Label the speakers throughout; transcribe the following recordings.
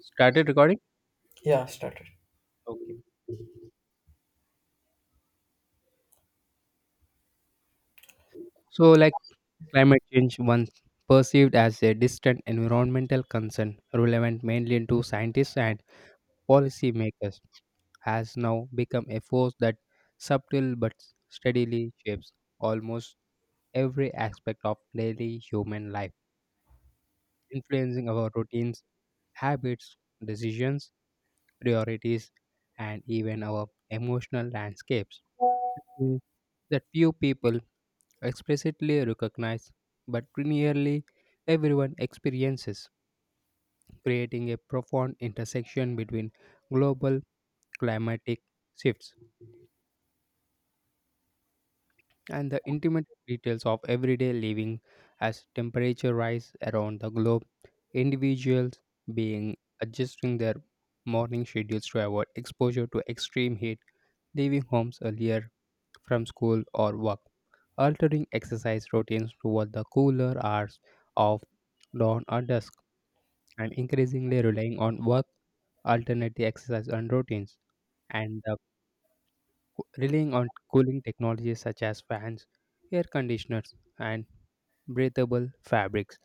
Speaker 1: Started recording?
Speaker 2: Yeah, started.
Speaker 1: Okay. So, like Climate change, once perceived as a distant environmental concern relevant mainly to scientists and policymakers, has now become a force that subtle but steadily shapes almost every aspect of daily human life, influencing our routines, habits, decisions, priorities, and even our emotional landscapes. Mm. That few people explicitly recognized, but nearly everyone experiences, creating a profound intersection between global climatic shifts and the intimate details of everyday living as temperature rise around the globe, individuals being adjusting their morning schedules to avoid exposure to extreme heat, leaving homes earlier from school or work, altering exercise routines toward the cooler hours of dawn or dusk, and increasingly relying on work alternative exercise and routines, and the relying on cooling technologies such as fans, air conditioners, and breathable fabrics,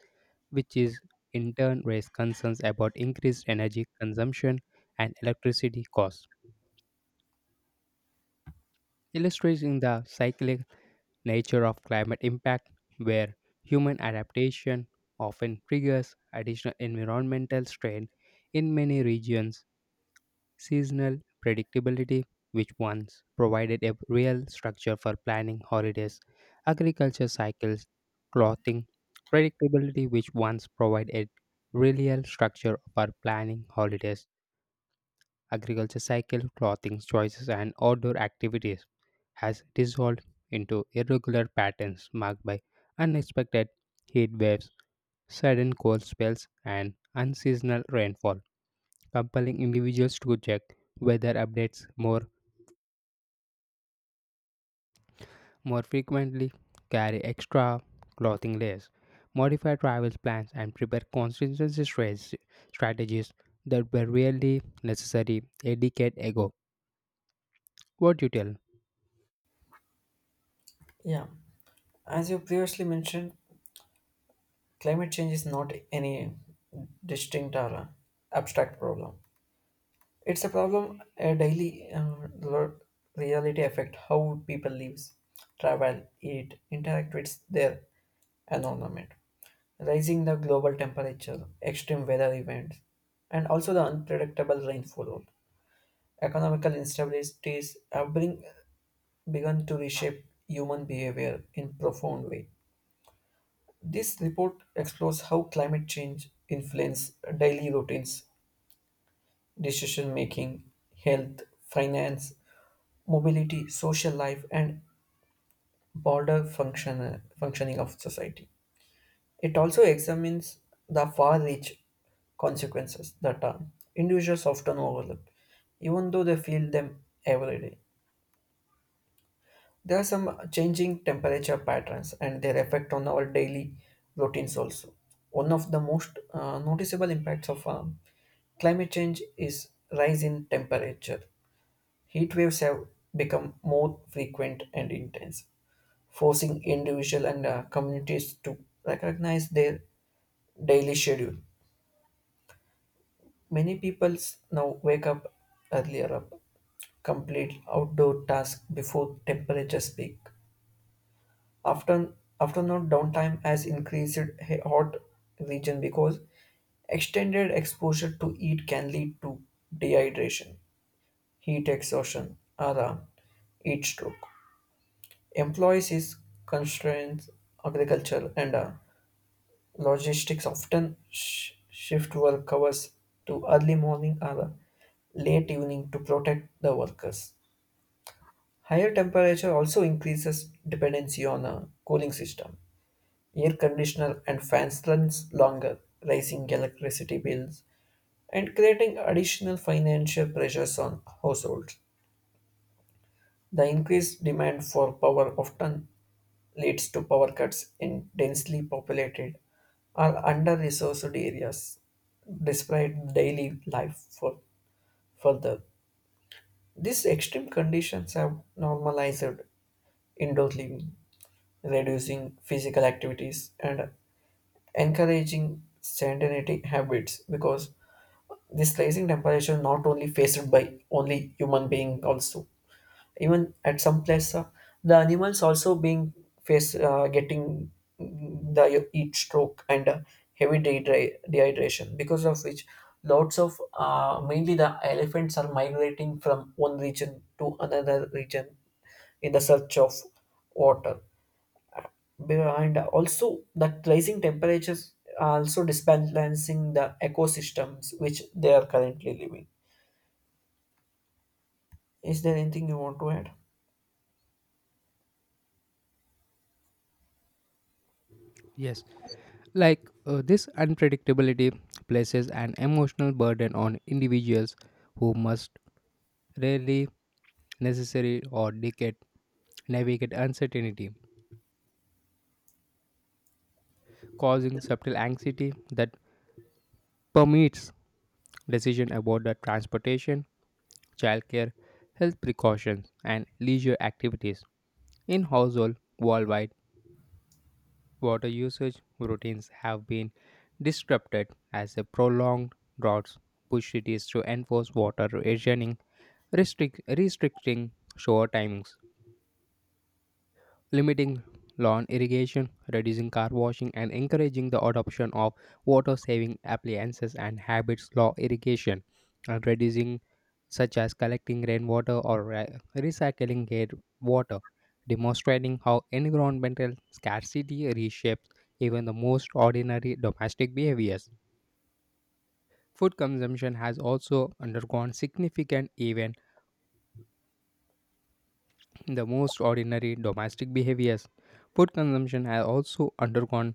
Speaker 1: which is in turn raise concerns about increased energy consumption and electricity costs, illustrating the cyclic nature of climate impact, where human adaptation often triggers additional environmental strain in many regions, seasonal predictability, which once provided a real structure for planning holidays, agriculture cycles, clothing, predictability, which once provided real structure for planning holidays agriculture cycle, clothing choices, and outdoor activities has dissolved into irregular patterns marked by unexpected heat waves, sudden cold spells, and unseasonal rainfall, compelling individuals to check weather updates more frequently, carry extra clothing layers, modify travel plans, and prepare contingency strategies that were really necessary a decade ago. What do you tell?
Speaker 2: Yeah. As you previously mentioned, climate change is not any distinct or abstract problem. It's a problem a daily reality affect how people lives, travel, eat, interact with their environment. Rising the global temperature, extreme weather events, and also the unpredictable rainfall. Economical instabilities have begun to reshape human behavior in profound way. This report explores how climate change influences daily routines, decision making, health, finance, mobility, social life, and broader functioning of society. It also examines the far reach consequences that individuals often overlook, even though they feel them every day. There are some changing temperature patterns and their effect on our daily routines also. One of the most noticeable impacts of climate change is rise in temperature. Heat waves have become more frequent and intense, forcing individual and communities to recognize their daily schedule. Many people now wake up earlier up, complete outdoor tasks before temperatures peak. After afternoon downtime has increased hot region because extended exposure to heat can lead to dehydration, heat exhaustion, or heat stroke. Employees is constraints, agriculture and logistics often shift work hours to early morning or late evening to protect the workers. Higher temperature also increases dependency on a cooling system, air conditioner and fans runs longer, raising electricity bills and creating additional financial pressures on households. The increased demand for power often leads to power cuts in densely populated or under-resourced areas, despite daily life for further. These extreme conditions have normalized indoor living, reducing physical activities and encouraging sedentary habits because this rising temperature not only faced by only human being also, even at some place the animals also being face getting the heat stroke and heavy dehydration, because of which lots of mainly the elephants are migrating from one region to another region in the search of water. Behind also that rising temperatures are also disbalancing the ecosystems which they are currently living. Is there anything you want to add?
Speaker 1: Yes, this unpredictability places an emotional burden on individuals who must rarely necessary or decade navigate uncertainty, causing subtle anxiety that permeates decision about the transportation, childcare, health precautions, and leisure activities. In household worldwide, water usage routines have been disrupted as a prolonged droughts push cities to enforce water rationing restricting shower timings, limiting lawn irrigation, reducing car washing, and encouraging the adoption of water saving appliances and habits law irrigation, and reducing such as collecting rainwater or recycling gate water, demonstrating how environmental scarcity reshapes even the most ordinary domestic behaviors. Food consumption has also undergone significant even the most ordinary domestic behaviors, food consumption has also undergone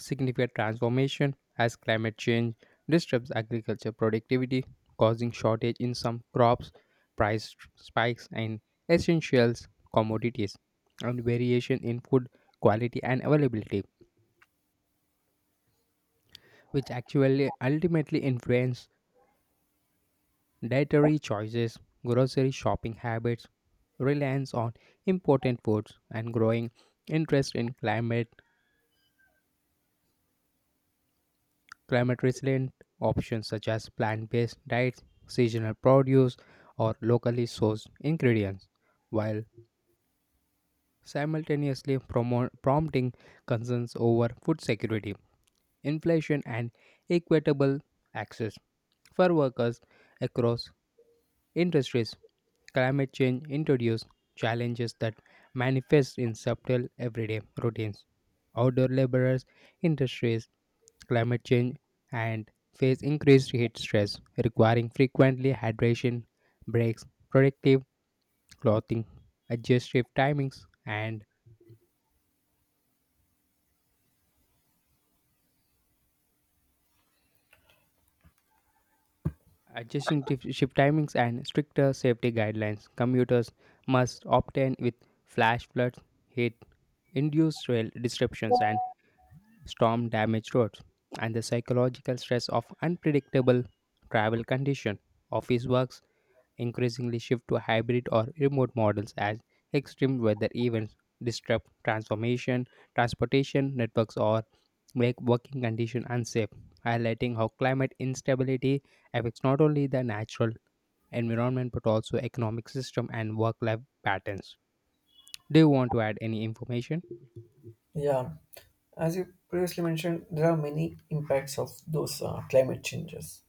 Speaker 1: significant transformation as climate change disrupts agriculture productivity, causing shortage in some crops, price spikes in essentials commodities, and variation in food quality and availability, which actually ultimately influence dietary choices, grocery shopping habits, reliance on important foods, and growing interest in climate climate resilient options such as plant based diets, seasonal produce, or locally sourced ingredients, while simultaneously prompting concerns over food security, inflation, and equitable access. For workers across industries, climate change introduces challenges that manifest in subtle everyday routines. Outdoor laborers, industries, climate change, and face increased heat stress, requiring frequently hydration, breaks, protective clothing, adjust shift timings, and adjusting shift timings and stricter safety guidelines. Commuters must obtain with flash floods, heat induced rail disruptions, and storm damaged roads, and the psychological stress of unpredictable travel condition. Office works increasingly shift to hybrid or remote models as extreme weather events disrupt transportation networks, or make working conditions unsafe, highlighting how climate instability affects not only the natural environment but also economic system and work-life patterns. Do you want to add any information?
Speaker 2: Yeah, as you previously mentioned, there are many impacts of those climate changes,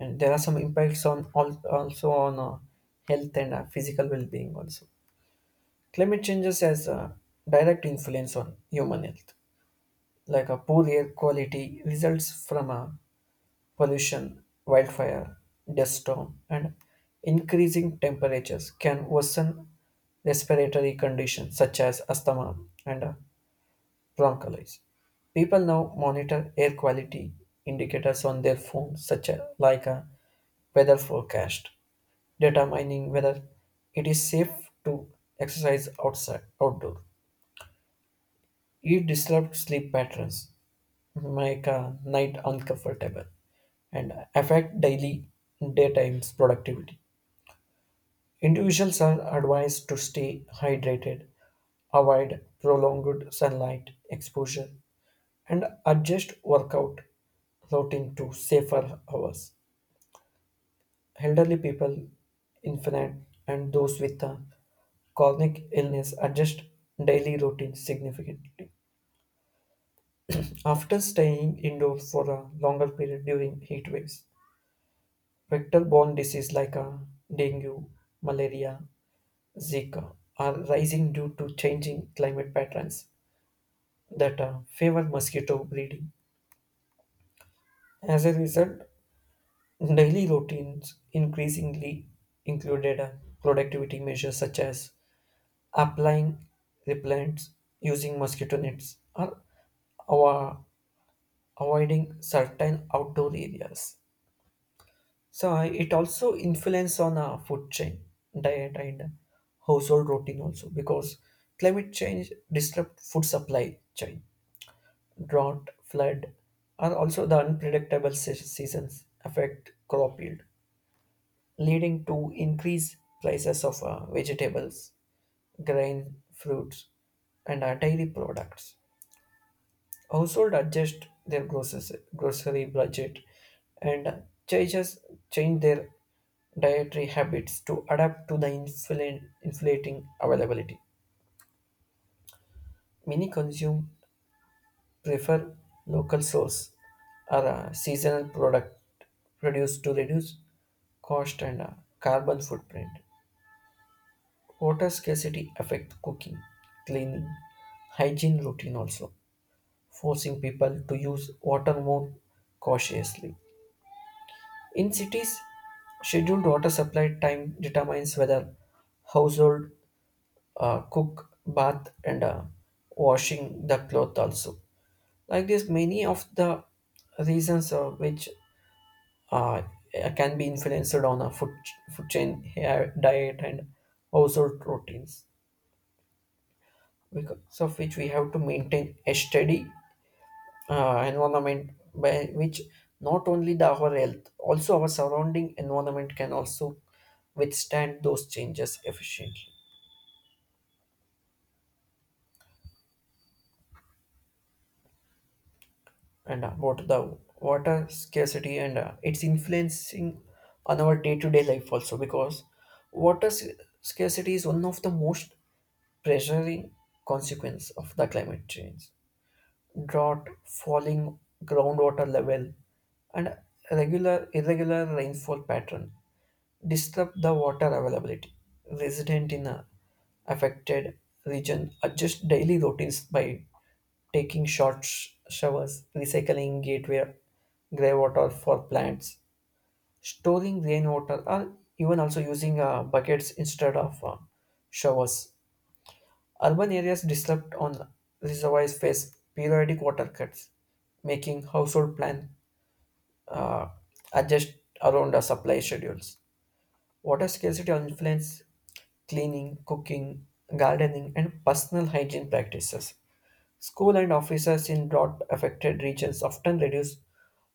Speaker 2: and there are some impacts on also on health and physical well-being also. Climate changes has a direct influence on human health, like a poor air quality results from a pollution, wildfire, dust storm, and increasing temperatures can worsen respiratory conditions such as asthma and bronchitis. People now monitor air quality indicators on their phones, such as like a weather forecast, determining whether it is safe to exercise outside outdoor. It disrupts sleep patterns, make a night uncomfortable, and affect daily daytime's productivity. Individuals are advised to stay hydrated, avoid prolonged sunlight exposure, and adjust workout routine to safer hours. Elderly people, infant, and those with a chronic illness adjust daily routines significantly. After staying indoors for a longer period during heat waves, vector-borne diseases like dengue, malaria, Zika are rising due to changing climate patterns that favor mosquito breeding. As a result, daily routines increasingly included productivity measures such as applying repellents, using mosquito nets, or ava- avoiding certain outdoor areas. So it also influence on our food chain, diet and household routine also because climate change disrupt food supply chain, drought, flood, and also the unpredictable seasons affect crop yield, leading to increased prices of vegetables, grain, fruits, and dairy products. Household adjust their grocery budget and changes change their dietary habits to adapt to the inflating availability. Many consume prefer local source or seasonal product produced to reduce cost and carbon footprint. Water scarcity affects cooking, cleaning, hygiene routine also, forcing people to use water more cautiously. In cities, scheduled water supply time determines whether household cook, bath, and washing the cloth also. Like this, many of the reasons which uh, can be influenced on a food chain hair, diet and household routines, because of which we have to maintain a steady environment by which not only the our health also our surrounding environment can also withstand those changes efficiently and what the water scarcity and it's influencing on our day-to-day life also because water s- scarcity is one of the most pressuring consequence of the climate change, drought, falling groundwater level and regular irregular rainfall pattern disrupt the water availability. Resident in a affected region adjust daily routines by taking short showers, recycling gateway greywater for plants, storing rainwater, or even also using buckets instead of showers. Urban areas disrupt on reservoirs face periodic water cuts, making household plan uh, adjust around the supply schedules. Water scarcity influences cleaning, cooking, gardening, and personal hygiene practices. School and offices in drought affected regions often reduce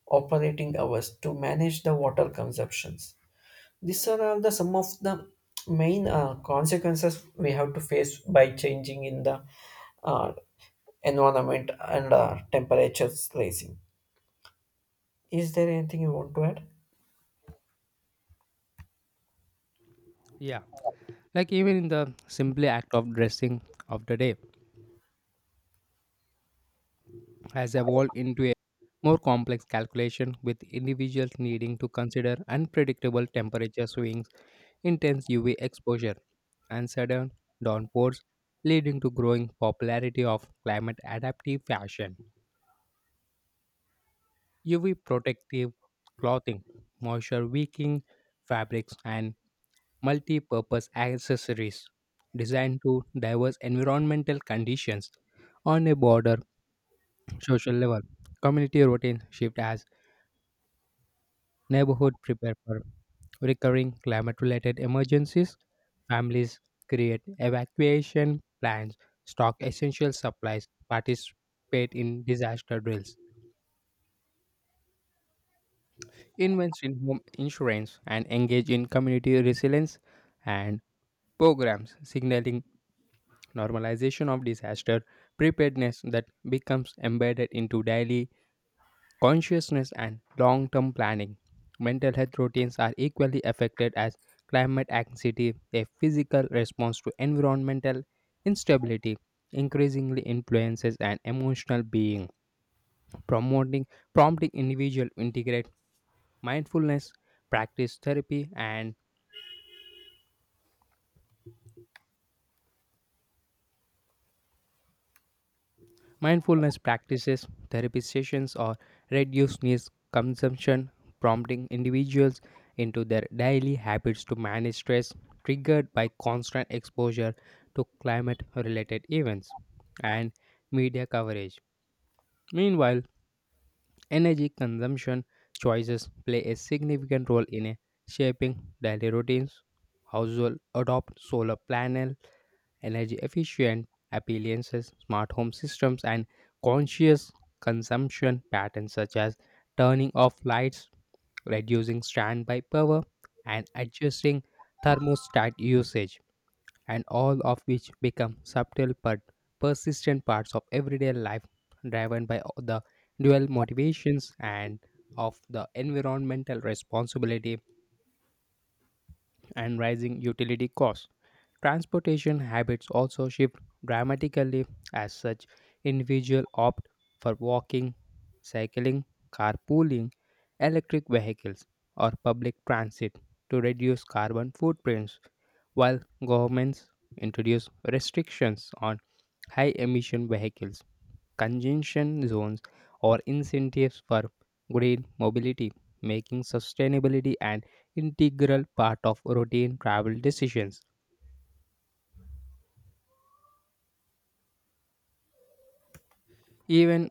Speaker 2: operating hours to manage the water consumptions. These are all the some of the main consequences we have to face by changing in the uh, environment and temperatures rising. Is there anything you want to add?
Speaker 1: Yeah, like even in the simply act of dressing of the day, has evolved into a more complex calculation with individuals needing to consider unpredictable temperature swings, intense UV exposure, and sudden downpours, leading to growing popularity of climate adaptive fashion. UV protective clothing, moisture wicking fabrics, and multi purpose accessories designed to diverse environmental conditions on a broader social level. Community routine shift has neighborhood prepare for recurring climate related emergencies. Families create evacuation plans, stock essential supplies, participate in disaster drills, invest in home insurance, and engage in community resilience and programs signaling normalization of disaster preparedness that becomes embedded into daily consciousness and long term planning. Mental health routines are equally affected as climate anxiety, a physical response to environmental instability, increasingly influences an emotional being, promoting prompting individual to integrate mindfulness, practice therapy and mindfulness practices, therapy sessions, or reduced news consumption, prompting individuals into their daily habits to manage stress triggered by constant exposure to climate related events and media coverage. Meanwhile, energy consumption choices play a significant role in shaping daily routines. Households adopt solar panel energy efficient appliances, smart home systems, and conscious consumption patterns such as turning off lights, reducing standby power, and adjusting thermostat usage, and all of which become subtle but persistent parts of everyday life driven by the dual motivations and of the environmental responsibility and rising utility costs. Transportation habits also shift dramatically as such individuals opt for walking, cycling, carpooling, electric vehicles, or public transit to reduce carbon footprints, while governments introduce restrictions on high emission vehicles congestion zones, or incentives for green mobility, making sustainability an integral part of routine travel decisions. Even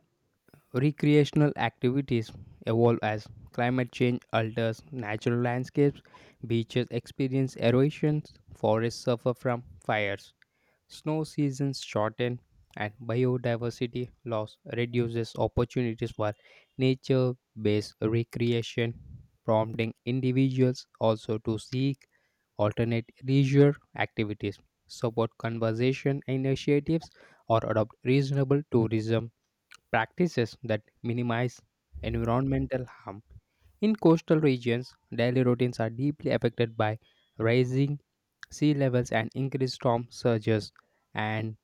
Speaker 1: recreational activities evolve as climate change alters natural landscapes, beaches experience erosions, forests suffer from fires, snow seasons shorten and biodiversity loss reduces opportunities for nature based recreation, prompting individuals also to seek alternate leisure activities, support conservation initiatives, or adopt reasonable tourism practices that minimize environmental harm. In coastal regions, daily routines are deeply affected by rising sea levels and increased storm surges and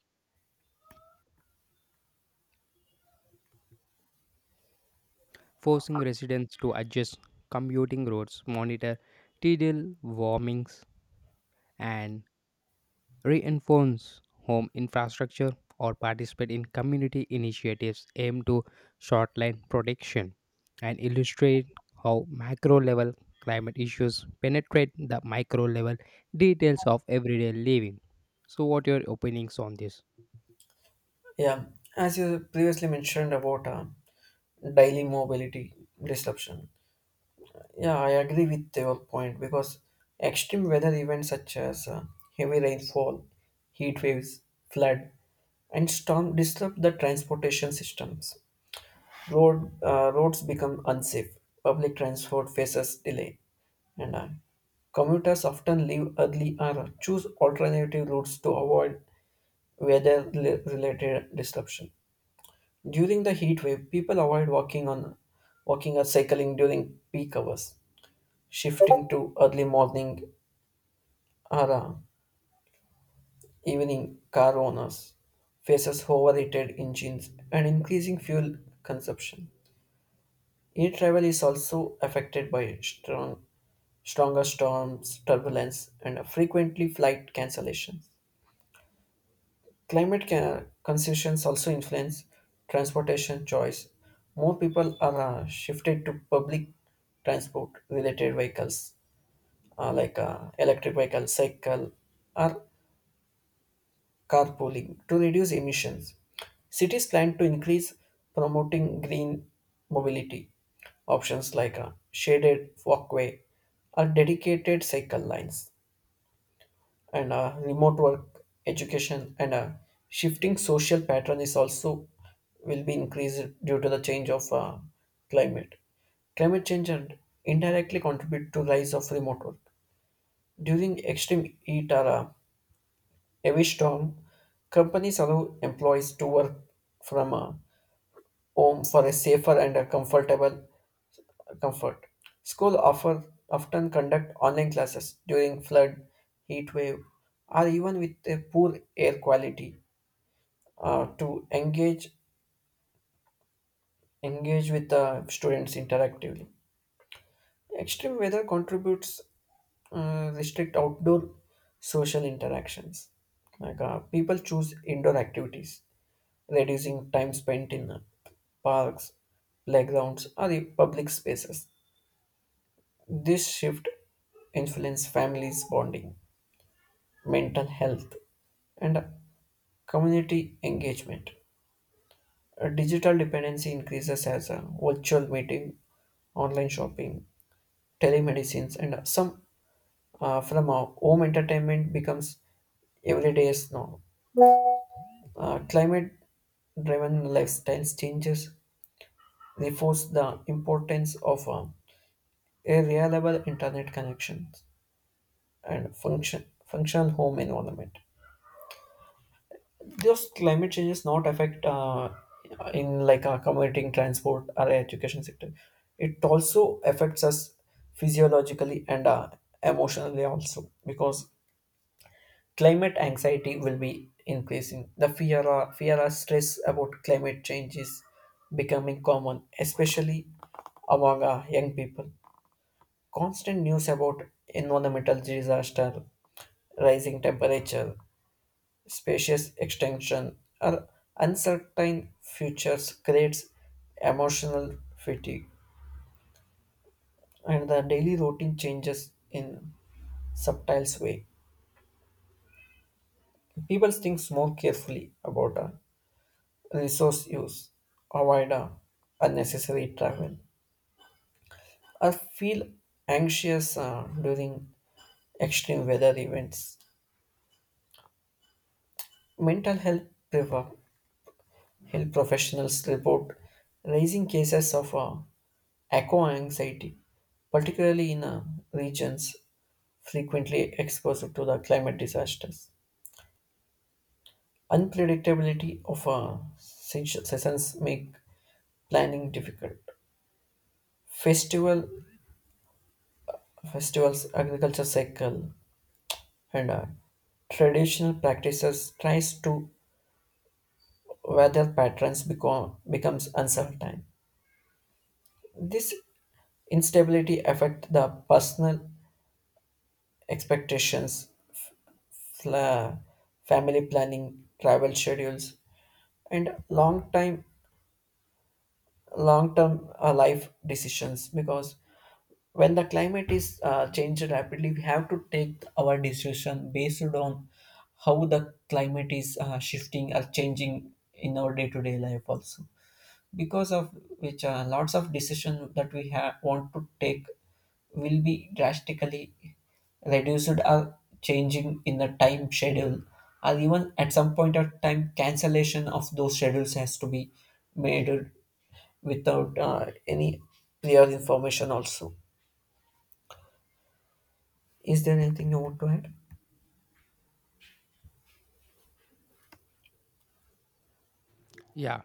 Speaker 1: forcing residents to adjust commuting routes, monitor tidal warmings, and reinforce home infrastructure or participate in community initiatives aimed to shortline protection and illustrate how macro level climate issues penetrate the micro level details of everyday living. So, what are your opinions on this?
Speaker 2: Yeah, as you previously mentioned about daily mobility disruption. Yeah, I agree with your point because extreme weather events such as heavy rainfall, heat waves, flood, and storm disrupt the transportation systems. Roads become unsafe. Public transport faces delay, and commuters often leave early or choose alternative routes to avoid weather-related disruption. During the heat wave, people avoid walking or cycling during peak hours, shifting to early morning or evening. Car owners faces overheated engines and increasing fuel consumption. Air travel is also affected by stronger storms, turbulence, and frequently flight cancellations. Concerns also influence transportation choice. More people are shifted to public transport related vehicles like electric vehicle, cycle, or carpooling to reduce emissions. Cities plan to increase promoting green mobility options like shaded walkway or dedicated cycle lines. And remote work education and shifting social pattern is also will be increased due to the change of climate climate change and indirectly contribute to rise of remote work during extreme heat or a heavy storm. Companies allow employees to work from home for a safer and a comfort. School offer often conduct online classes during flood, heat wave, or even with a poor air quality to engage with the students interactively. Extreme weather contributes restrict outdoor social interactions. Like people choose indoor activities, reducing time spent in parks, playgrounds, or the public spaces. This shift influences families' bonding, mental health, and community engagement. A digital dependency increases as a virtual meeting, online shopping, telemedicines, and some from our home entertainment becomes everyday's norm. Climate-driven lifestyles changes reinforce the importance of a reliable internet connection and functional home environment. Just climate changes not affect in like our commuting transport or education sector? It also affects us physiologically and emotionally also because climate anxiety will be increasing. The fear or stress about climate change is becoming common, especially among young people. Constant news about environmental disaster, rising temperature, spacious extension, or uncertain futures creates emotional fatigue, and the daily routine changes in subtle way. People think more carefully about resource use, avoid unnecessary travel, or feel anxious during extreme weather events. Mental health prevail. Health professionals report rising cases of echo anxiety, particularly in regions frequently exposed to the climate disasters. Unpredictability of seasons make planning difficult. Festival, Festivals, agriculture cycle, and traditional practices tries to weather patterns becomes uncertain. This instability affect the personal expectations, fla- family planning, travel schedules, and long term life decisions. Because when the climate is changed rapidly, we have to take our decision based on how the climate is shifting or changing in our day to day life also. Because of which lots of decision that we have want to take will be drastically reduced or changing in the time schedule, or even at some point of time cancellation of those schedules has to be made without any clear information also. Is there anything you want to add?
Speaker 1: Yeah,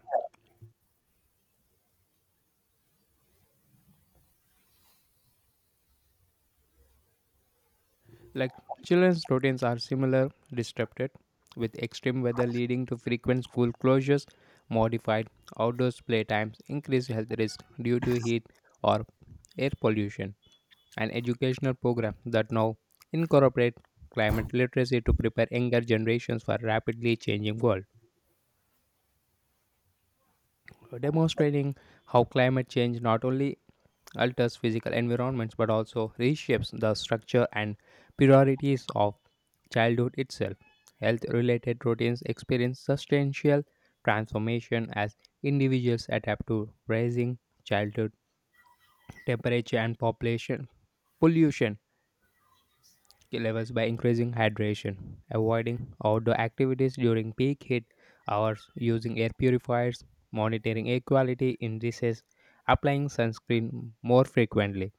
Speaker 1: like children's routines are similar, disrupted, with extreme weather leading to frequent school closures, modified outdoors playtimes, increased health risk due to heat or air pollution, and educational programs that now incorporate climate literacy to prepare younger generations for rapidly changing world, demonstrating how climate change not only alters physical environments but also reshapes the structure and priorities of childhood itself. Health related routines experience substantial transformation as individuals adapt to rising childhood temperature and population pollution levels by increasing hydration, avoiding outdoor activities during peak heat hours, using air purifiers, monitoring air quality indices, applying sunscreen more frequently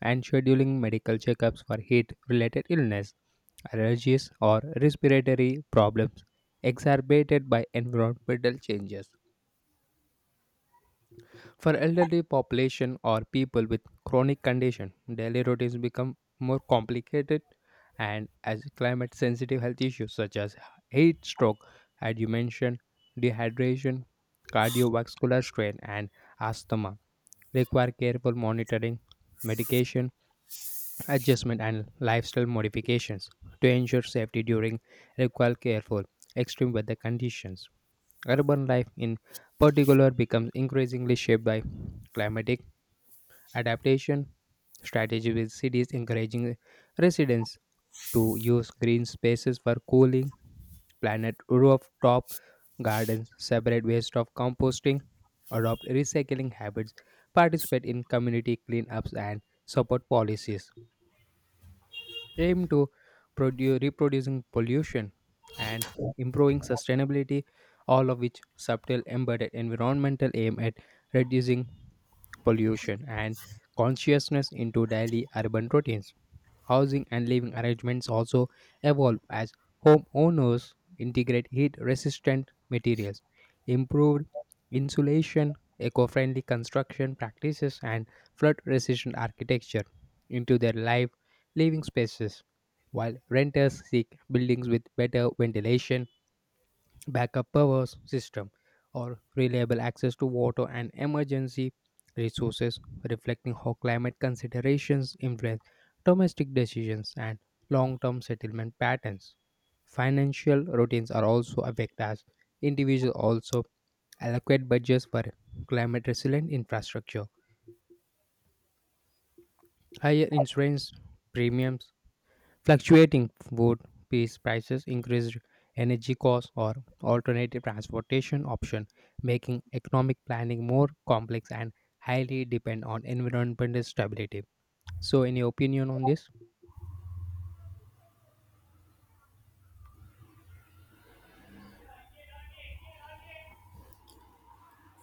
Speaker 1: and scheduling medical checkups for heat related illness, allergies, or respiratory problems exacerbated by environmental changes. For elderly population or people with chronic condition, daily routines become more complicated and as climate sensitive health issues such as heat stroke, as you mentioned, dehydration, cardiovascular strain and asthma require careful monitoring, medication adjustment and lifestyle modifications to ensure safety during require careful extreme weather conditions. Urban life in particular becomes increasingly shaped by climatic adaptation strategy with cities encouraging residents to use green spaces for cooling, planet rooftop gardens, separate waste of composting, adopt recycling habits, participate in community cleanups and support policies aim to reproducing pollution and improving sustainability, all of which subtle embedded environmental aim at reducing pollution and consciousness into daily urban routines. Housing and living arrangements also evolve as homeowners integrate heat resistant materials, improved insulation, eco friendly construction practices, and flood resistant architecture into their live living spaces, while renters seek buildings with better ventilation backup power system, or reliable access to water and emergency resources, reflecting how climate considerations influence domestic decisions and long term settlement patterns. Financial routines are also affected as individuals also allocate budgets for climate resilient infrastructure, higher insurance premiums, fluctuating food piece prices, increased energy costs, or alternative transportation option, making economic planning more complex and highly depend on environmental stability. So, any opinion on this?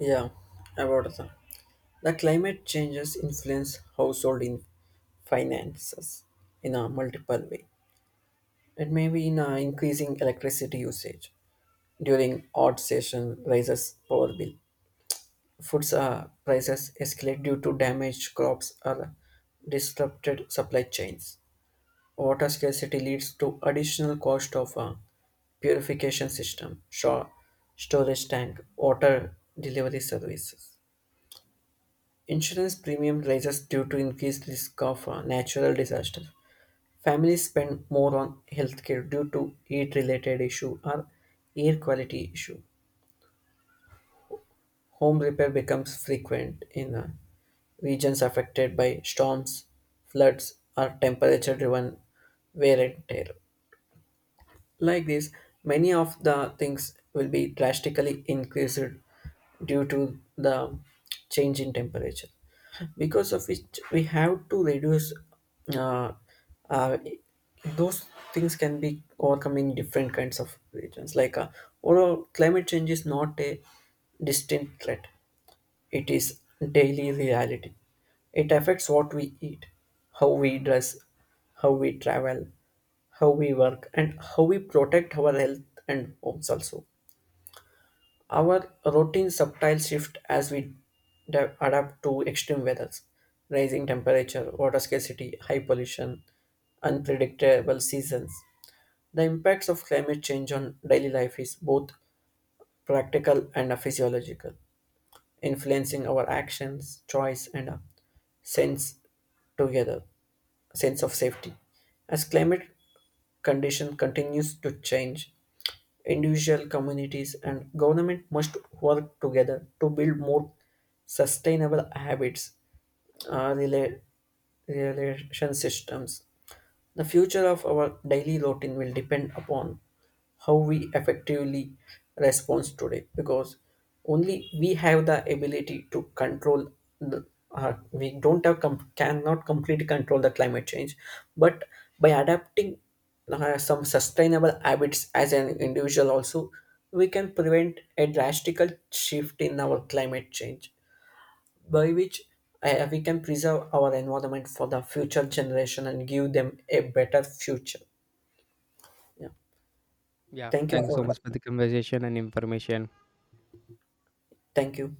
Speaker 2: Yeah, about the climate changes influence household in finances in a multiple way. It may be in increasing electricity usage during odd season raises power bill. Foods prices escalate due to damaged crops or disrupted supply chains. Water scarcity leads to additional cost of purification system, storage tank, water delivery services. Insurance premium rises due to increased risk of natural disaster. Families spend more on healthcare due to heat-related issue or air quality issue. Home repair becomes frequent in regions affected by storms, floods, or temperature-driven wear and tear. Like this, many of the things will be drastically increased due to the change in temperature, because of which we have to reduce. Uh, uh, those things can be overcome in different kinds of regions. Like overall, climate change is not a distinct threat; it is daily reality. It affects what we eat, how we dress, how we travel, how we work, and how we protect our health and homes also. Our routine subtle shift as we adapt to extreme weathers, rising temperature, water scarcity, high pollution, unpredictable seasons. The impacts of climate change on daily life is both practical and physiological influencing our actions, choice, and a sense together sense of safety. As climate condition continues to change, individual communities and government must work together to build more sustainable habits, uh, rela- relation systems. The future of our daily routine will depend upon how we effectively respond today because only we have the ability to control the we don't have com- cannot completely control the climate change, but by adapting some sustainable habits as an individual also, we can prevent a drastical shift in our climate change by which we can preserve our environment for the future generation and give them a better future. Yeah.
Speaker 1: Yeah,
Speaker 2: Thank you
Speaker 1: thank you so
Speaker 2: for
Speaker 1: much for the conversation and information.
Speaker 2: Thank you.